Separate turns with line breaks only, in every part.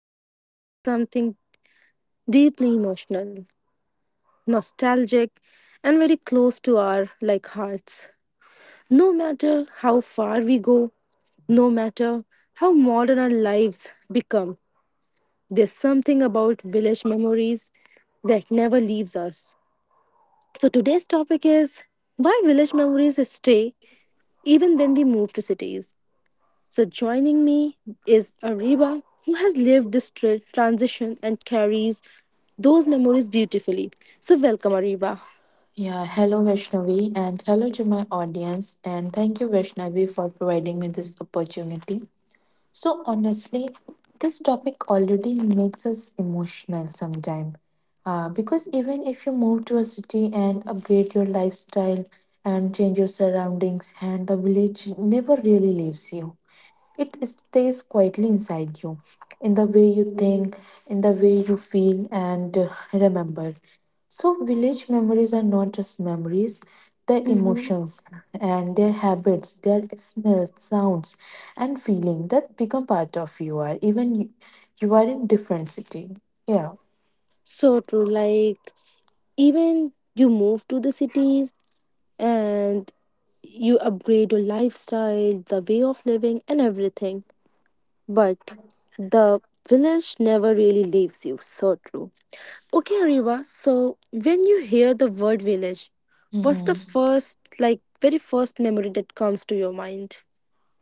are talking about something deeply emotional, nostalgic, and very close to our like hearts. No matter how far we go, no matter how modern our lives become, there's something about village memories that never leaves us. So today's topic is why village memories stay even when we move to cities. So joining me is Ariba, who has lived this transition and carries those memories beautifully. So welcome, Ariba.
Yeah, hello Vaishnavi, and hello to my audience, and thank you Vaishnavi for providing me this opportunity. So honestly, this topic already makes us emotional sometimes because even if you move to a city and upgrade your lifestyle and change your surroundings and the village never really leaves you. It stays quietly inside you, in the way you think, in the way you feel and remember. So, village memories are not just memories, they're
Hmm.
emotions and their habits, their smells, sounds, and feeling that become part of you are, even you, you are in different city. Yeah.
So true. Like even you move to the cities and you upgrade your lifestyle, the way of living, and everything, but the village never really leaves you. So true. Okay, Ariba. So when you hear the word village, what's the
Mhm.
first, like, very first memory that comes to your mind?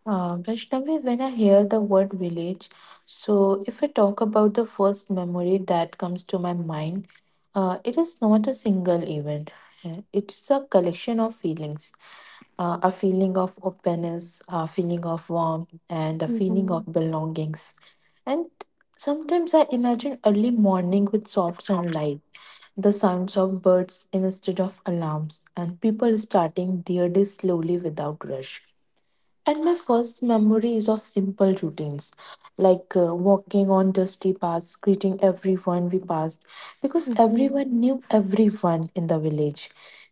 Vaishnavi, when I hear the word village, so if I talk about the first memory that comes to my mind, it is not a single event. It's a collection of feelings, a feeling of openness, a feeling of warmth, and a feeling
Mm-hmm.
of belongings. And sometimes I imagine early morning with soft sunlight, the sounds of birds instead of alarms, and people starting their day slowly without rush. And my first memory is of simple routines, like walking on dusty paths, greeting everyone we passed, because
Mm-hmm.
everyone knew everyone in the village.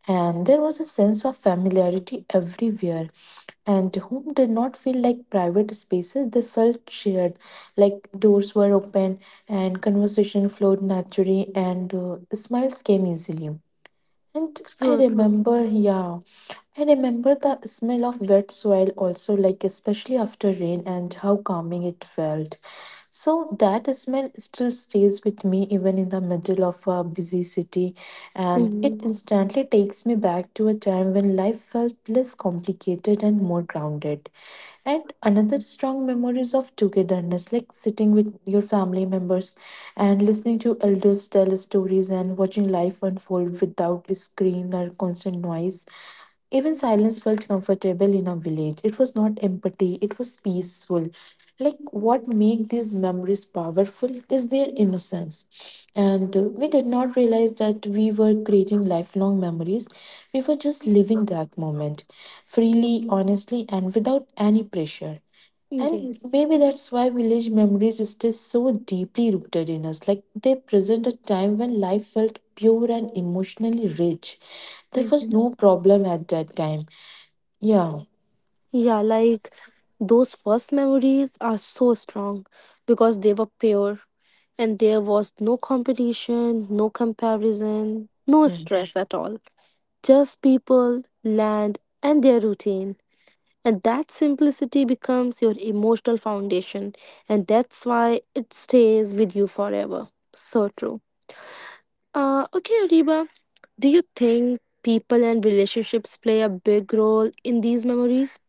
And there was a sense of familiarity everywhere, and home did not feel like private spaces, they felt shared, like doors were open, and conversation flowed naturally, and smiles came easily. And I
So true.
remember, yeah, I remember the smell of wet soil also, like especially after rain, and how calming it felt. So that smell still stays with me even in the middle of a busy city, and it
Mm-hmm.
instantly takes me back to a time when life felt less complicated and more grounded. And another strong memories of togetherness, like sitting with your family members and listening to elders tell stories and watching life unfold without screen or constant noise. Even silence felt comfortable in our village. It was not empty, it was peaceful. Like what make these memories powerful is their innocence. And we did not realize that we were creating lifelong memories. We were just living that moment freely, honestly, and without any pressure. And
Yes.
maybe that's why village memories stay so deeply rooted in us. Like they present a time when life felt pure and emotionally rich. There was
Mm-hmm.
no problem at that time. Yeah.
Yeah, like those first memories are so strong because they were pure and there was no competition, no comparison, no
Yeah.
stress at all. Just people, land, and their routine. And that simplicity becomes your emotional foundation, and that's why it stays with you forever. So true. Okay, Ariba, do you think people and relationships play a big role in these memories?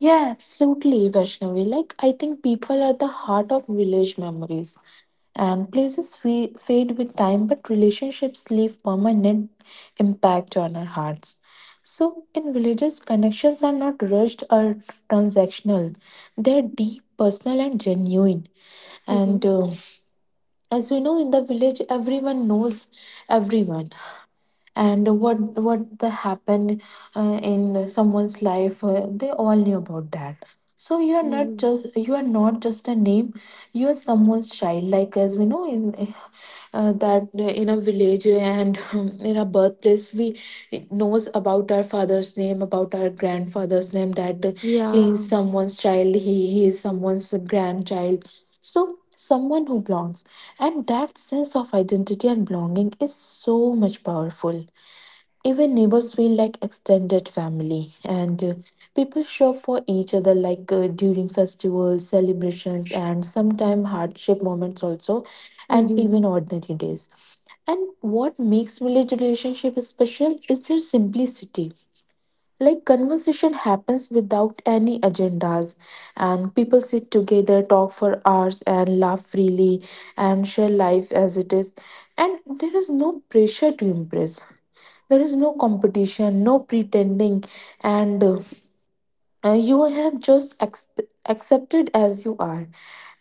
Yeah, absolutely, Vaishnavi. Like, I think people are the heart of village memories, and places fade with time, but relationships leave permanent impact on our hearts. So, in villages, connections are not rushed or transactional, they're deep, personal, and genuine. And
Mhm.
As we know, in the village, everyone knows everyone and what the happened in someone's life, they all knew about that. So you are not
Mhm.
just, you are not just a name, you are someone's child, like as we know in that in a village and in a birthplace, we knows about our father's name, about our grandfather's name, that he is
Yeah.
someone's child, he is someone's grandchild, so someone who belongs. And that sense of identity and belonging is so much powerful. Even neighbors feel like extended family, and people show for each other, like during festivals, celebrations, and sometimes hardship moments also, and
Mm-hmm.
even ordinary days. And what makes village relationship special is their simplicity, like conversation happens without any agendas, and people sit together, talk for hours and laugh freely and share life as it is, and there is no pressure to impress, there is no competition, no pretending, and you have just accepted as you are.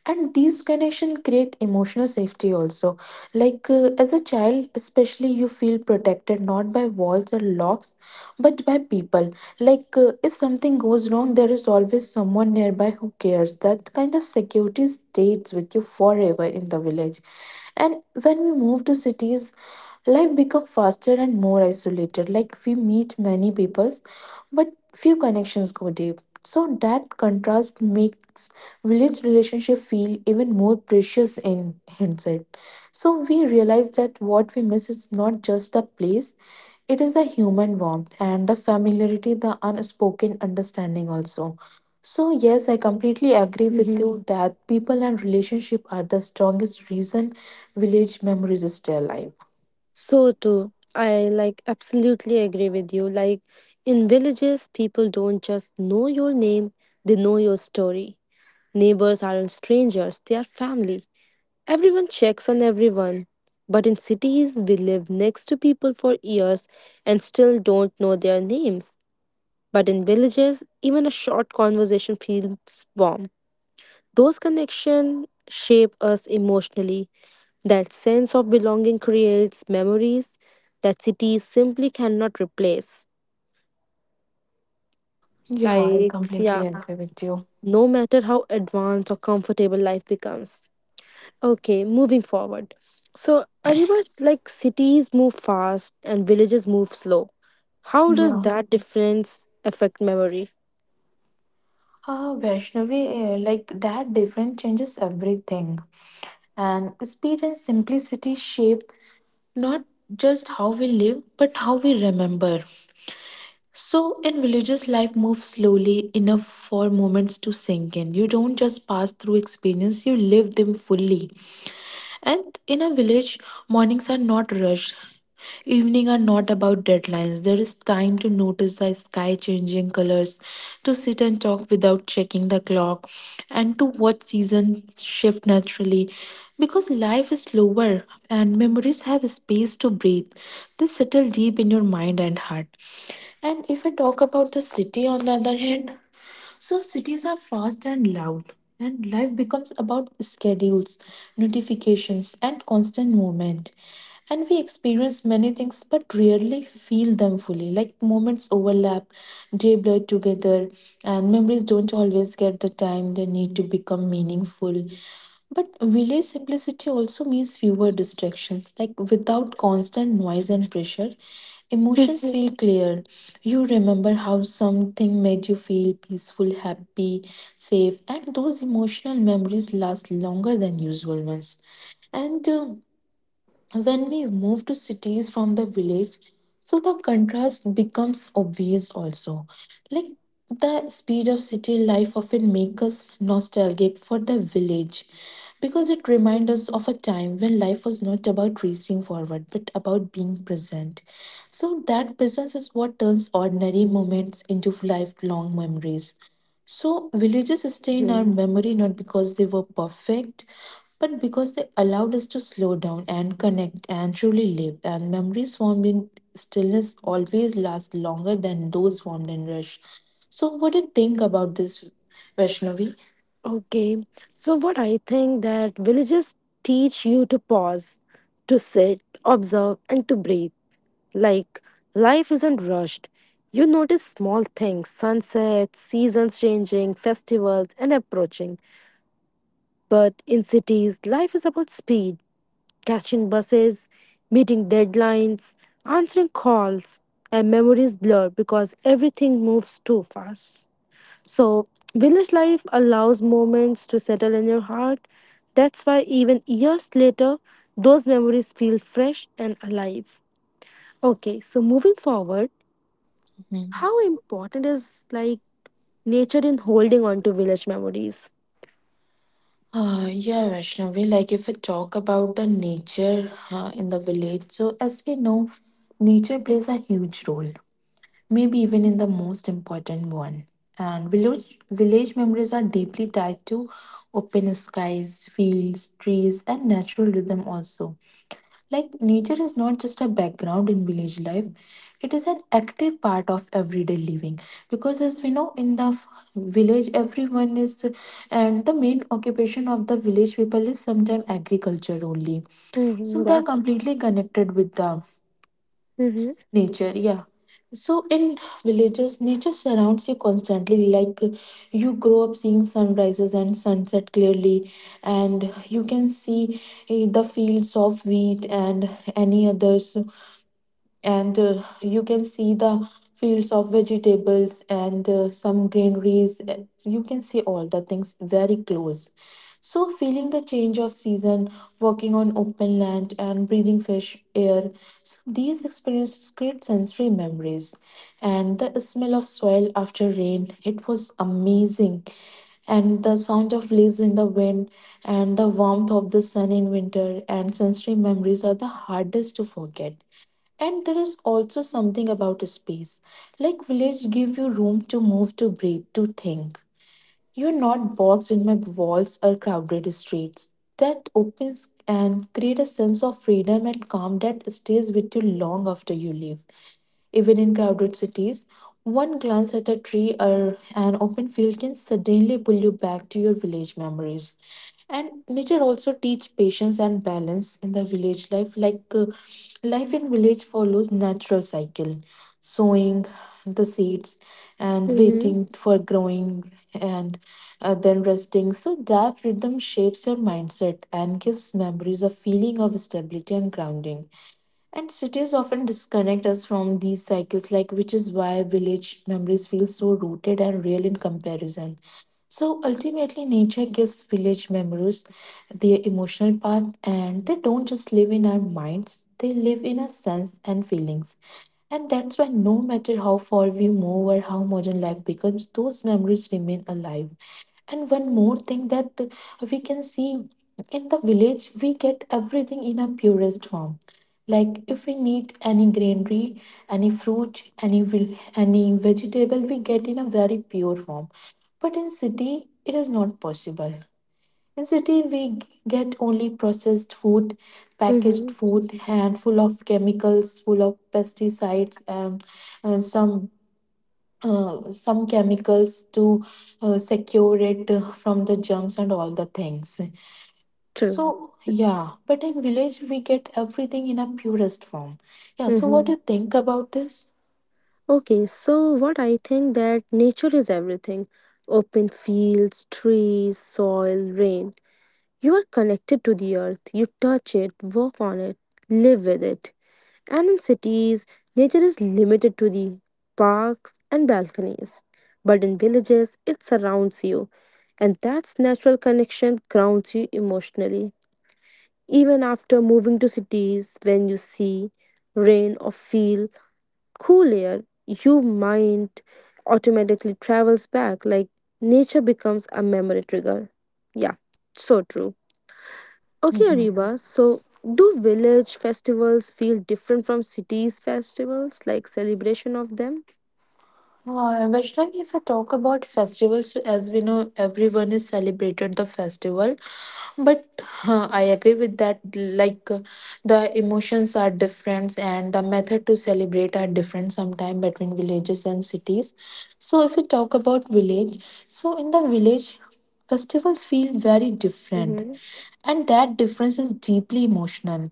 And these connection create emotional safety also, like as a child especially, you feel protected not by walls or locks, but by people. Like if something goes wrong, there is always someone nearby who cares. That kind of security stays with you forever in the village. And when we move to cities, life become faster and more isolated, like we meet many peoples, but few connections go deep. So that contrast makes village relationship feel even more precious in hindsight. So we realize that what we miss is not just the place, it is the human warmth and the familiarity, the unspoken understanding also. So yes, I completely agree with
Mm-hmm.
you that people and relationship are the strongest reason village memories stay alive.
So too. I like absolutely agree with you. Like in villages, people don't just know your name, they know your story. Neighbors aren't strangers, they are family. Everyone checks on everyone. But in cities, we live next to people for years and still don't know their names. But in villages, even a short conversation feels warm. Those connections shape us emotionally. That sense of belonging creates memories that cities simply cannot replace.
Yeah, I
Like,
completely
yeah,
agree with you.
no matter how advanced or comfortable life becomes. Okay, moving forward. So, Ariba, like cities move fast and villages move slow. How does
Yeah.
that difference affect memory?
Vaishnavi, like that difference changes everything. And speed and simplicity shape not just how we live, but how we remember. So, in villages, life moves slowly enough for moments to sink in. You don't just pass through experience, you live them fully. And in a village, mornings are not rushed. Evening are not about deadlines. There is time to notice the sky changing colors, to sit and talk without checking the clock, and to watch seasons shift naturally. Because life is slower and memories have space to breathe. They settle deep in your mind and heart. And if I talk about the city on the other hand, so cities are fast and loud, and life becomes about schedules, notifications, and constant movement. And we experience many things but rarely feel them fully. Like moments overlap, day blur together, and memories don't always get the time they need to become meaningful. But village simplicity also means fewer distractions. Like without constant noise and pressure, emotions feel clear. You remember how something made you feel peaceful, happy, safe, and those emotional memories last longer than usual ones. And When we move to cities from the village, so the contrast becomes obvious also, like the speed of city life often makes us nostalgic for the village because it reminds us of a time when life was not about racing forward but about being present. So that presence is what turns ordinary moments into lifelong memories. So, villages stay in our
Mhm.
memory not because they were perfect, but because they allowed us to slow down and connect and truly live. And memories formed in stillness always last longer than those formed in rush. So, what do you think about this, Vaishnavi?
Okay, so what I think that villages teach you to pause, to sit, observe, and to breathe. Like, life isn't rushed. You notice small things, sunsets, seasons changing, festivals, and approaching. But in cities, life is about speed catching buses, meeting deadlines, answering calls, and memories blur because everything moves too fast. So, village life allows moments to settle in your heart. That's why, even years later, those memories feel fresh and alive. Okay, so moving forward,
Mhm.
how important is like nature in holding on to village memories?
Yeah, Vaishnavi, like if we talk about the nature in the village, so as we know, nature plays a huge role, maybe even in the most important one. And village memories are deeply tied to open skies, fields, trees, and natural rhythm also. Like nature is not just a background in village life, it is an active part of everyday living. Because as we know, in the village, everyone is and the main occupation of the village people is sometimes agriculture only. So
Mm-hmm,
they
yeah.
are completely connected with the
Mm-hmm,
nature, yeah. So in villages, nature surrounds you constantly. Like you grow up seeing sunrises and sunset clearly, and you can see the fields of wheat and any others, and you can see the fields of vegetables and some greeneries. You can see all the things very close, so feeling the change of season, walking on open land and breathing fresh air. So these experiences create sensory memories, and the smell of soil after rain, it was amazing, and the sound of leaves in the wind, and the warmth of the sun in winter. And sensory memories are the hardest to forget, and there is also something about space. Like village give you room to move, to breathe, to think. You're not boxed in my walls or crowded streets. That opens and create a sense of freedom and calm that stays with you long after you leave. Even in crowded cities, one glance at a tree or an open field can suddenly pull you back to your village memories. And nature also teach patience and balance in the village life. Like life in village follows natural cycle, sowing the seeds and
mm-hmm,
waiting for growing and then resting. So that rhythm shapes your mindset and gives memories a feeling of stability and grounding. And cities often disconnect us from these cycles, like which is why village memories feel so rooted and real in comparison. So ultimately, nature gives village memories their emotional path, and they don't just live in our minds, they live in our sense and feelings. And that's why, no matter how far we move or how modern life becomes, those memories remain alive. And one more thing that we can see in the village, we get everything in a purest form, like if we need any greenery, any fruit, any vegetable, we get in a very pure form. But in city, it is not possible. In city, we get only processed food,
mm-hmm.
packaged food, and full of chemicals, full of pesticides, and some chemicals to secure it from the germs and all the things.
True.
So, yeah, but in village we get everything in a purest form. Yeah, so what do
Mm-hmm.
you think about this?
Okay, so what I think that nature is everything. Open fields, trees, soil, rain. You are connected to the earth. You touch it, walk on it, live with it. And in cities, nature is limited to the parks and balconies. But in villages, it surrounds you. And that's natural connection grounds you emotionally. Even after moving to cities, when you see rain or feel cool air, your mind automatically travels back like nature becomes a memory trigger. Yeah, so true. Okay,
Mm-hmm.
Ariba, so do village festivals feel different from cities festivals like celebration of them?
Vaishnavi, if I talk about festivals, so as we know, everyone is celebrated the festival. But I agree with that. The emotions are different, and the method to celebrate are different sometimes between villages and cities. So if we talk about village, so in the village, festivals feel very different.
Mhm.
And that difference is deeply emotional.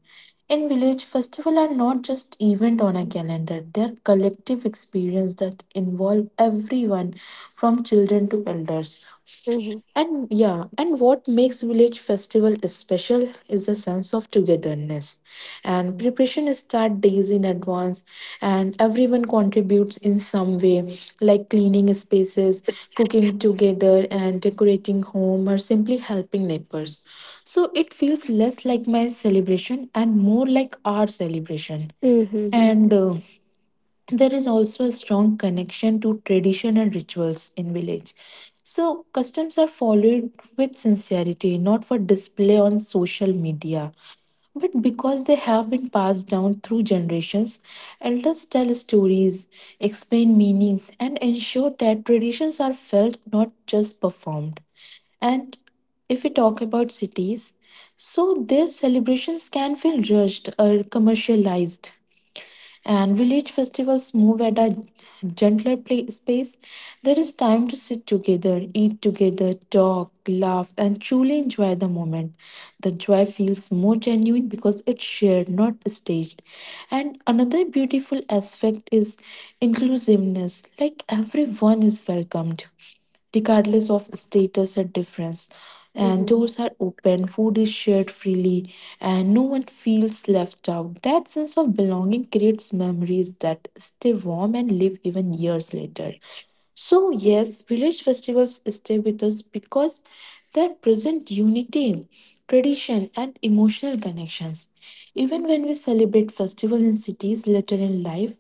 In village, festivals are not just event on a calendar; they are collective experience that involve everyone, from children to elders.
Mhm.
And yeah, and what makes village festival special is the sense of togetherness. And preparation start days in advance, and everyone contributes in some way, like cleaning spaces, cooking together, and decorating home, or simply helping neighbors. So it feels less like my celebration and more like our celebration. And
Mhm.
There is also a strong connection to tradition and rituals in village, so customs are followed with sincerity, not for display on social media, but because they have been passed down through generations. Elders tell stories, explain meanings, and ensure that traditions are felt, not just performed. And if we talk about cities, so their celebrations can feel rushed or commercialized, and village festivals move at a gentler place, space. There is time to sit together, eat together, talk, laugh, and truly enjoy the moment. The joy feels more genuine because it's shared, not staged. And another beautiful aspect is inclusiveness, like everyone is welcomed regardless of status or difference. And
Mhm.
doors are open, food is shared freely, and no one feels left out. That sense of belonging creates memories that stay warm and live even years later. So, yes, village festivals stay with us because they present unity, tradition, and emotional connections. Even when we celebrate festival in cities later in life,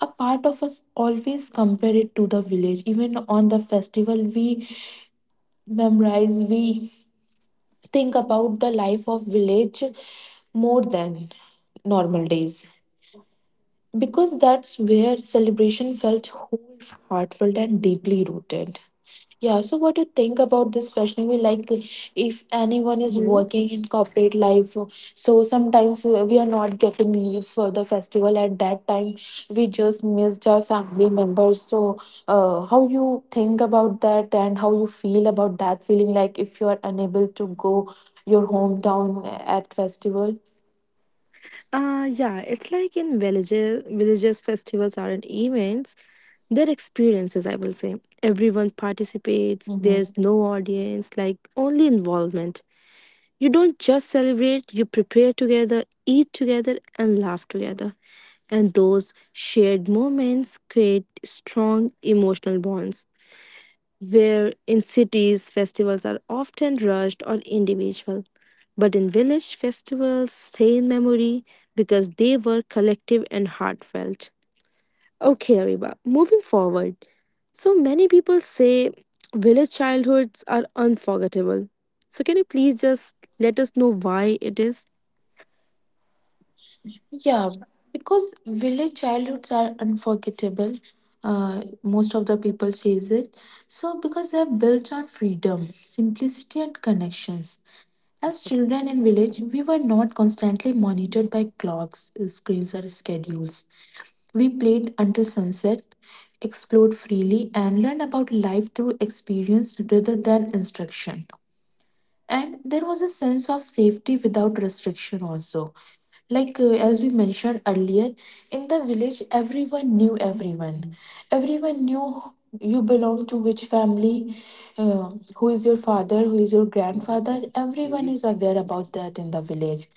a part of us always compare it to the village. Even on the festival, we memorize, we think about the life of village more than normal days because that's where celebration felt whole, heartfelt, and deeply rooted. Yeah, so what do you think about this, Vaishnavi? Like, if anyone is
Mhm.
working in corporate life, so sometimes we are not getting leaves for the festival at that time. We just missed our family members. So, how you think about that and how you feel about that feeling? Like, if you are unable to go your hometown at festival.
Yeah, it's like in villages, villages festivals aren't events, they're experiences, I will say. Everyone participates,
Mm-hmm.
there's no audience, like only involvement. You don't just celebrate, you prepare together, eat together, and laugh together. And those shared moments create strong emotional bonds. Where in cities, festivals are often rushed or individual. But in village, festivals stay in memory because they were collective and heartfelt. Okay, Ariba, moving forward. So many people say village childhoods are unforgettable. So, can you please just let us know why it is?
Yeah, because village childhoods are unforgettable. Most of the people says it. So because they are built on freedom, simplicity, and connections. As children in village, we were not constantly monitored by clocks, screens, or schedules. We played until sunset, explored freely, and learned about life through experience rather than instruction. And there was a sense of safety without restriction also, as we mentioned earlier, in the village, everyone knew everyone. Everyone knew you belong to which family, who is your father, who is your grandfather. Everyone is aware about that in the village.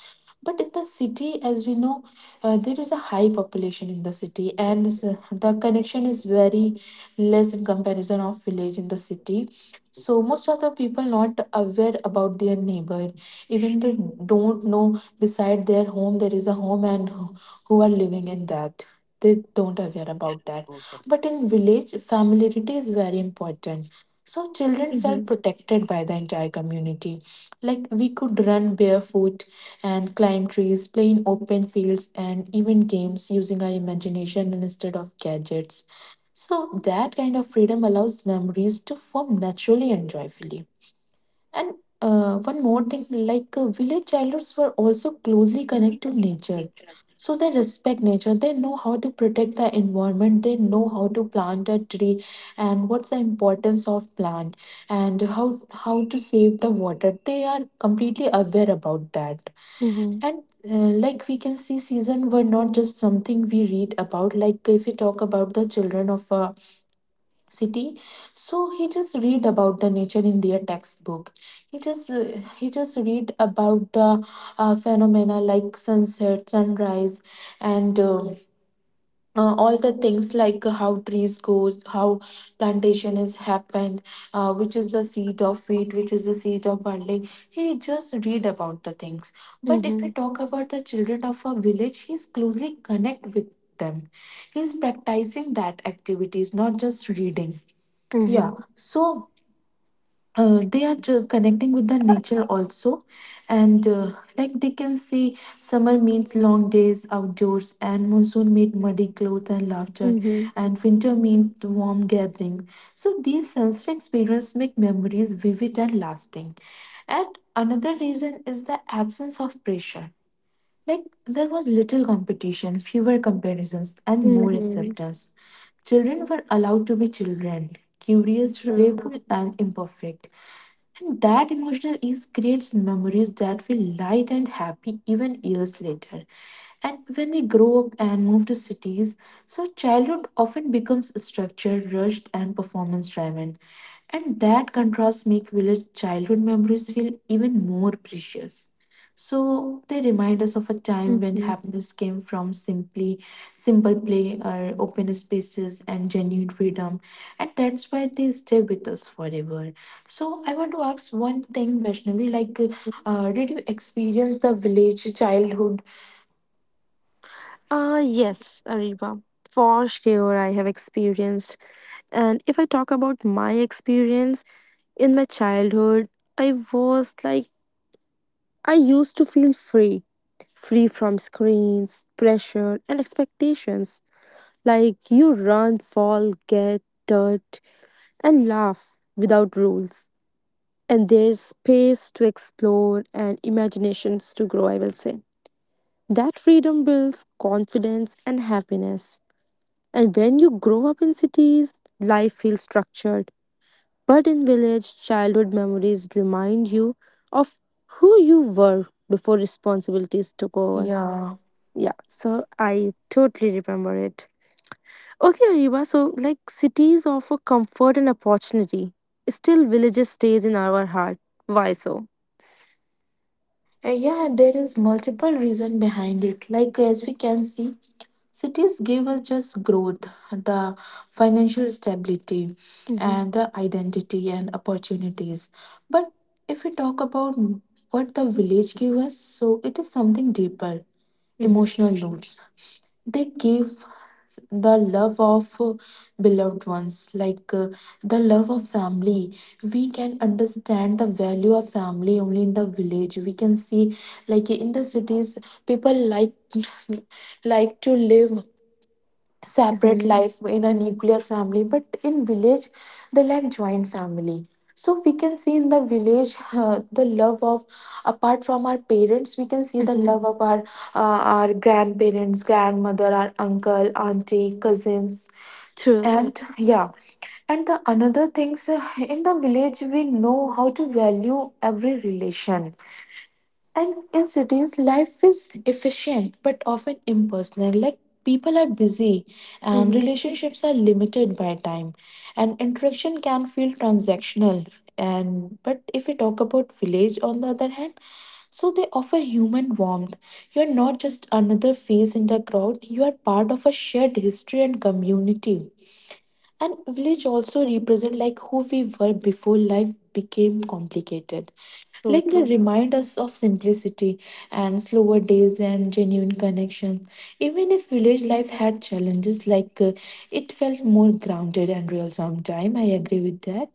But in the city, as we know, there is a high population in the city, and the connection is very less in comparison of village in the city. So most of the people not aware about their neighbor, even they don't know beside their home there is a home and who are living in that, they don't aware about that. But in village, familiarity is very important, so children
Mhm.
felt protected by the entire community, like we could run barefoot and climb trees, play in open fields, and even games using our imagination instead of gadgets. So that kind of freedom allows memories to form naturally and joyfully. And One more thing, village elders were also closely connected to nature. So they respect nature. They know how to protect the environment. They know how to plant a tree and what's the importance of plant and how to save the water. They are completely aware about that.
Mhm.
And Like we can see, season were not just something we read about. Like if we talk about the children of a city, so he just read about the nature in their textbook. he just uh, he just read about the phenomena like sunset sunrise, and all the things like how trees goes, how plantation is happened, which is the seed of wheat, which is the seed of barley. He just read about the things. But if we
Mhm.
talk about the children of a village, he's closely connect with them. He's practicing that activities, not just reading. Yeah,
Mhm.
so they are connecting with the nature also, and like they can see, summer means long days outdoors, and monsoon means muddy clothes and laughter,
Mhm.
and winter means warm gathering. So these sensory experiences make memories vivid and lasting. And another reason is the absence of pressure, like there was little competition, fewer comparisons, and more
Mhm.
acceptance. Children were allowed to be children, curious,
True.
playful, and imperfect. And that emotional ease creates memories that feel light and happy even years later. And when we grow up and move to cities, so childhood often becomes structured, rushed, and performance driven. And that contrast make village childhood memories feel even more precious. So they remind us of a time when
Mhm.
happiness came from simply simple play or open spaces and genuine freedom. And that's why they stay with us forever. So I want to ask one thing, Vaishnavi, like did you experience the village childhood?
Yes, Ariba. For sure, I have experienced. And if I talk about my experience in my childhood, I was like, I used to feel free, free from screens, pressure, and expectations. Like, you run, fall, get dirt, and laugh without rules. And there's space to explore and imaginations to grow, I will say. That freedom builds confidence and happiness. And when you grow up in cities, life feels structured. But in village, childhood memories remind you of who you were before responsibilities took over.
Yeah.
Yeah, so I totally remember it. Okay, Ariba, so like cities offer comfort and opportunity. Still, villages stays in our heart. Why so?
Yeah, there is multiple reason behind it. Like as we can see, cities give us just growth, the financial stability,
Mm-hmm.
and the identity and opportunities. But if we talk about what the village give us, so it is something deeper, emotional roots. They give the love of beloved ones, the love of family. We can understand the value of family only in the village. We can see, like in the cities, people like like to live separate
Mm-hmm.
life in a nuclear family, but in village they like joint family. So we can see in the village the love of, apart from our parents, we can see the
Mm-hmm.
love of our grandparents, grandmother, our uncle, auntie, cousins.
True.
And yeah, and the another things, in the village we know how to value every relation. And in cities, life is efficient but often impersonal. Like people are busy and
Mm-hmm.
relationships are limited by time, and interaction can feel transactional. And but if we talk about village, on the other hand, so they offer human warmth. You're not just another face in the crowd, you are part of a shared history and community. And village also represent like who we were before life became complicated,
So
like they
true.
remind us of simplicity and slower days and genuine connections. Even if village life had challenges, it felt more grounded and real sometime, I agree with that.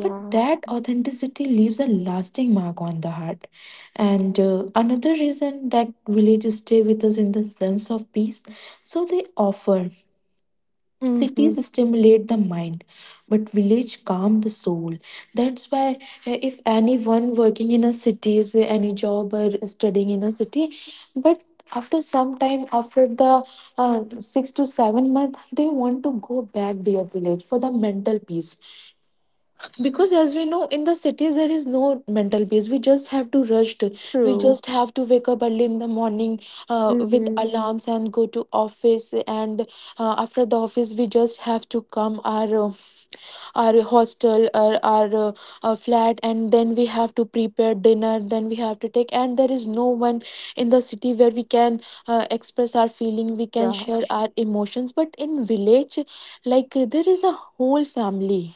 But that authenticity leaves a lasting mark on the heart. And Another reason that villages stay with us in the sense of peace, so they offer,
Mm-hmm.
cities stimulate the mind, but village calm the soul. That's why, if anyone working in a city is any job or studying in a city, but after some time, after the 6 to 7 month, they want to go back their village for the mental peace. Because as we know, in the cities there is no mental peace, we just have to rush to, we
True.
just have to wake up early in the morning with
Mm-hmm.
alarms and go to office. And After the office we just have to come our hostel or our flat, and then we have to prepare dinner, then we have to take, and there is no one in the city where we can express our feeling, we can
Yeah.
share our emotions. But in village, there is a whole family.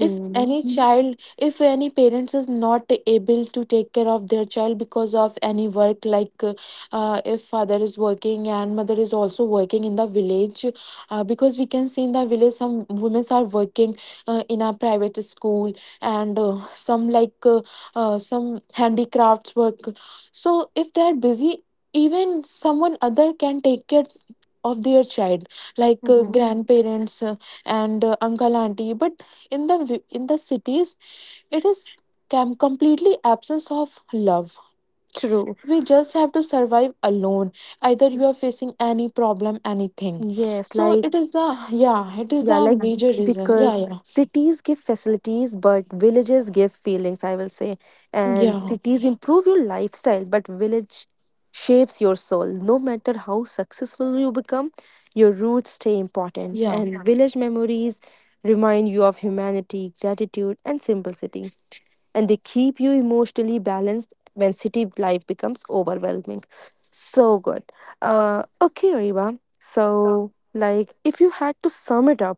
If any
Mm-hmm.
child, if any parents is not able to take care of their child because of any work, if father is working and mother is also working in the village, because we can see in the village some women are working in a private school, and some like some handicrafts work. So if they are busy, even someone other can take care of their child,
Mm-hmm.
grandparents, and uncle, auntie. But in the in the cities, it is completely absence of love.
True.
We just have to survive alone, either you are facing any problem anything.
Yes,
So
like.
it is the, yeah, it is
Yeah,
the
like
major reason.
because
Yeah.
cities give facilities, but villages give feelings, I will say. And
Yeah.
cities improve your lifestyle, but village shapes your soul. No matter how successful you become, your roots stay important.
Yeah.
And yeah, village memories remind you of humanity, gratitude, and simplicity. And they keep you emotionally balanced when city life becomes overwhelming. So good. Okay, Ariba.
Yeah.
So, like, if you had to sum it up,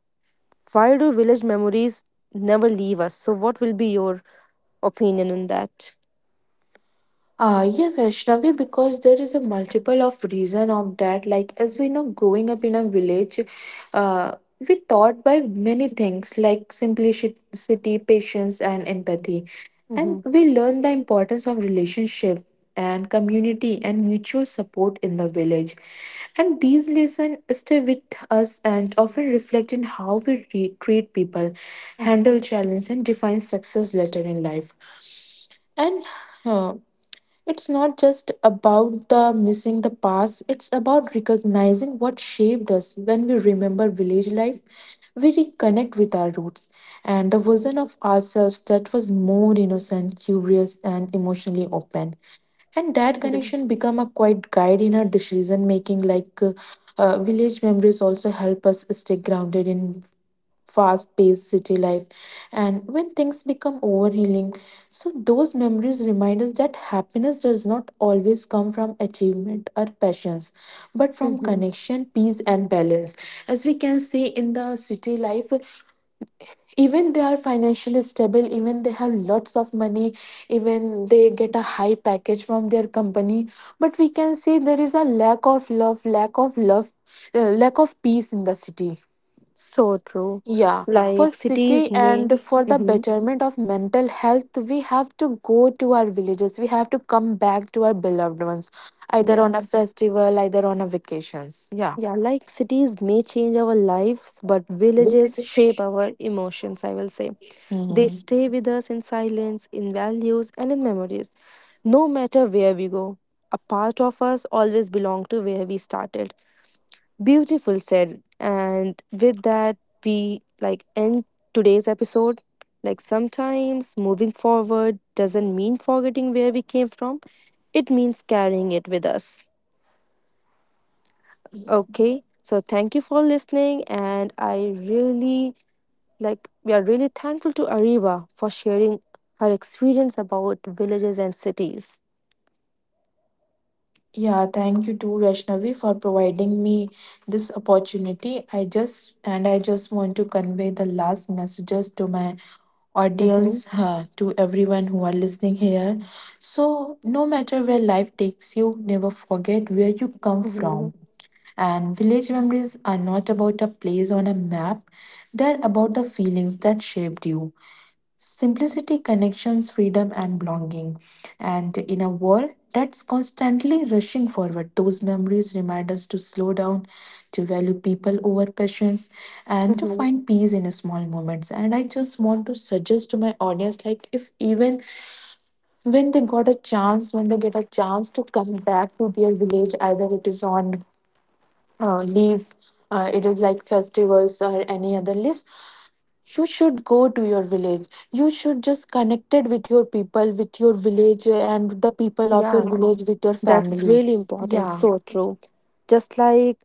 why do village memories never leave us? So, what will be your opinion on that?
Yeah, Vaishnavi, because there is a multiple of reason of that. Like as we know, growing up in a village, uh, we taught by many things like simplicity, patience, and empathy, and
Mm-hmm.
we learn the importance of relationship and community and mutual support in the village. And these lessons stay with us and often reflect in how we treat people,
Mm-hmm.
handle challenges, and define success later in life. And uh, it's not just about the missing the past, it's about recognizing what shaped us. When we remember village life, we reconnect with our roots and the version of ourselves that was more innocent, curious, and emotionally open. And that connection
Yes.
become a quite guide in our decision making. Village memories also help us stay grounded in fast paced city life, and when things become overwhelming, so those memories remind us that happiness does not always come from achievement or passions, but from
Mm-hmm.
connection, peace, and balance. As we can see in the city life, even they are financially stable, even they have lots of money, even they get a high package from their company, but we can see there is a lack of love, lack of love, lack of peace in the city.
So true.
Yeah, for
Like cities
city
may,
and for the
mm-hmm,
betterment of mental health, we have to go to our villages. We have to come back to our beloved ones, either on a
yeah,
festival, either on a vacations. Yeah.
yeah, like cities may change our lives, but villages shape our emotions, I will say. They
Hmm.
stay with us in silence, in values, and in memories. No matter where we go, a part of us always belong to where we started. Beautiful said. And with that, we like end today's episode. Like sometimes moving forward doesn't mean forgetting where we came from, it means carrying it with us. Okay, so thank you for listening. And I really like, we are really thankful to Ariba for sharing her experience about villages and cities.
Yeah, thank you too, Vaishnavi, for providing me this opportunity. I just, and I just want to convey the last messages to my
Hmm.
audience, to everyone who are listening here. So, no matter where life takes you, never forget where you come
Hmm.
from. And village memories are not about a place on a map, they're about the feelings that shaped you. Simplicity, connections, freedom, and belonging. And in a world that's constantly rushing forward, those memories remind us to slow down, to value people over patience, and to find peace in small moments. And I just want to suggest to my audience, like, if even when they got a chance, when they get a chance to come back to their village, either it is on leaves, it is like festivals or any other leaves, you should go to your village, you should just connected with your people, with your village, and the people of your
Yeah,
village, with your
that's
family.
really important.
Yeah.
So true. Just like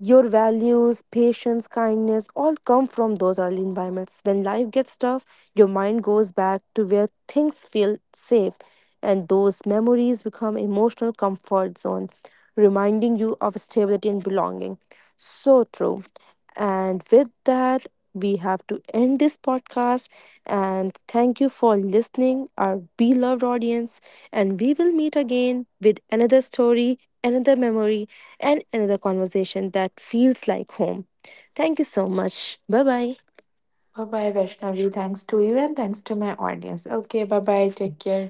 your values, patience, kindness all come from those early environments. When life gets tough, your mind goes back to where things feel safe, and those memories become emotional comfort zone, reminding you of stability and belonging. So true. And with that, we have to end this podcast. And thank you for listening, our beloved audience. And we will meet again with another story, another memory, and another conversation that feels like home. Thank you so much. Bye bye.
Bye bye, Vaishnavi, thanks to you and thanks to my audience. Okay, bye bye, take care.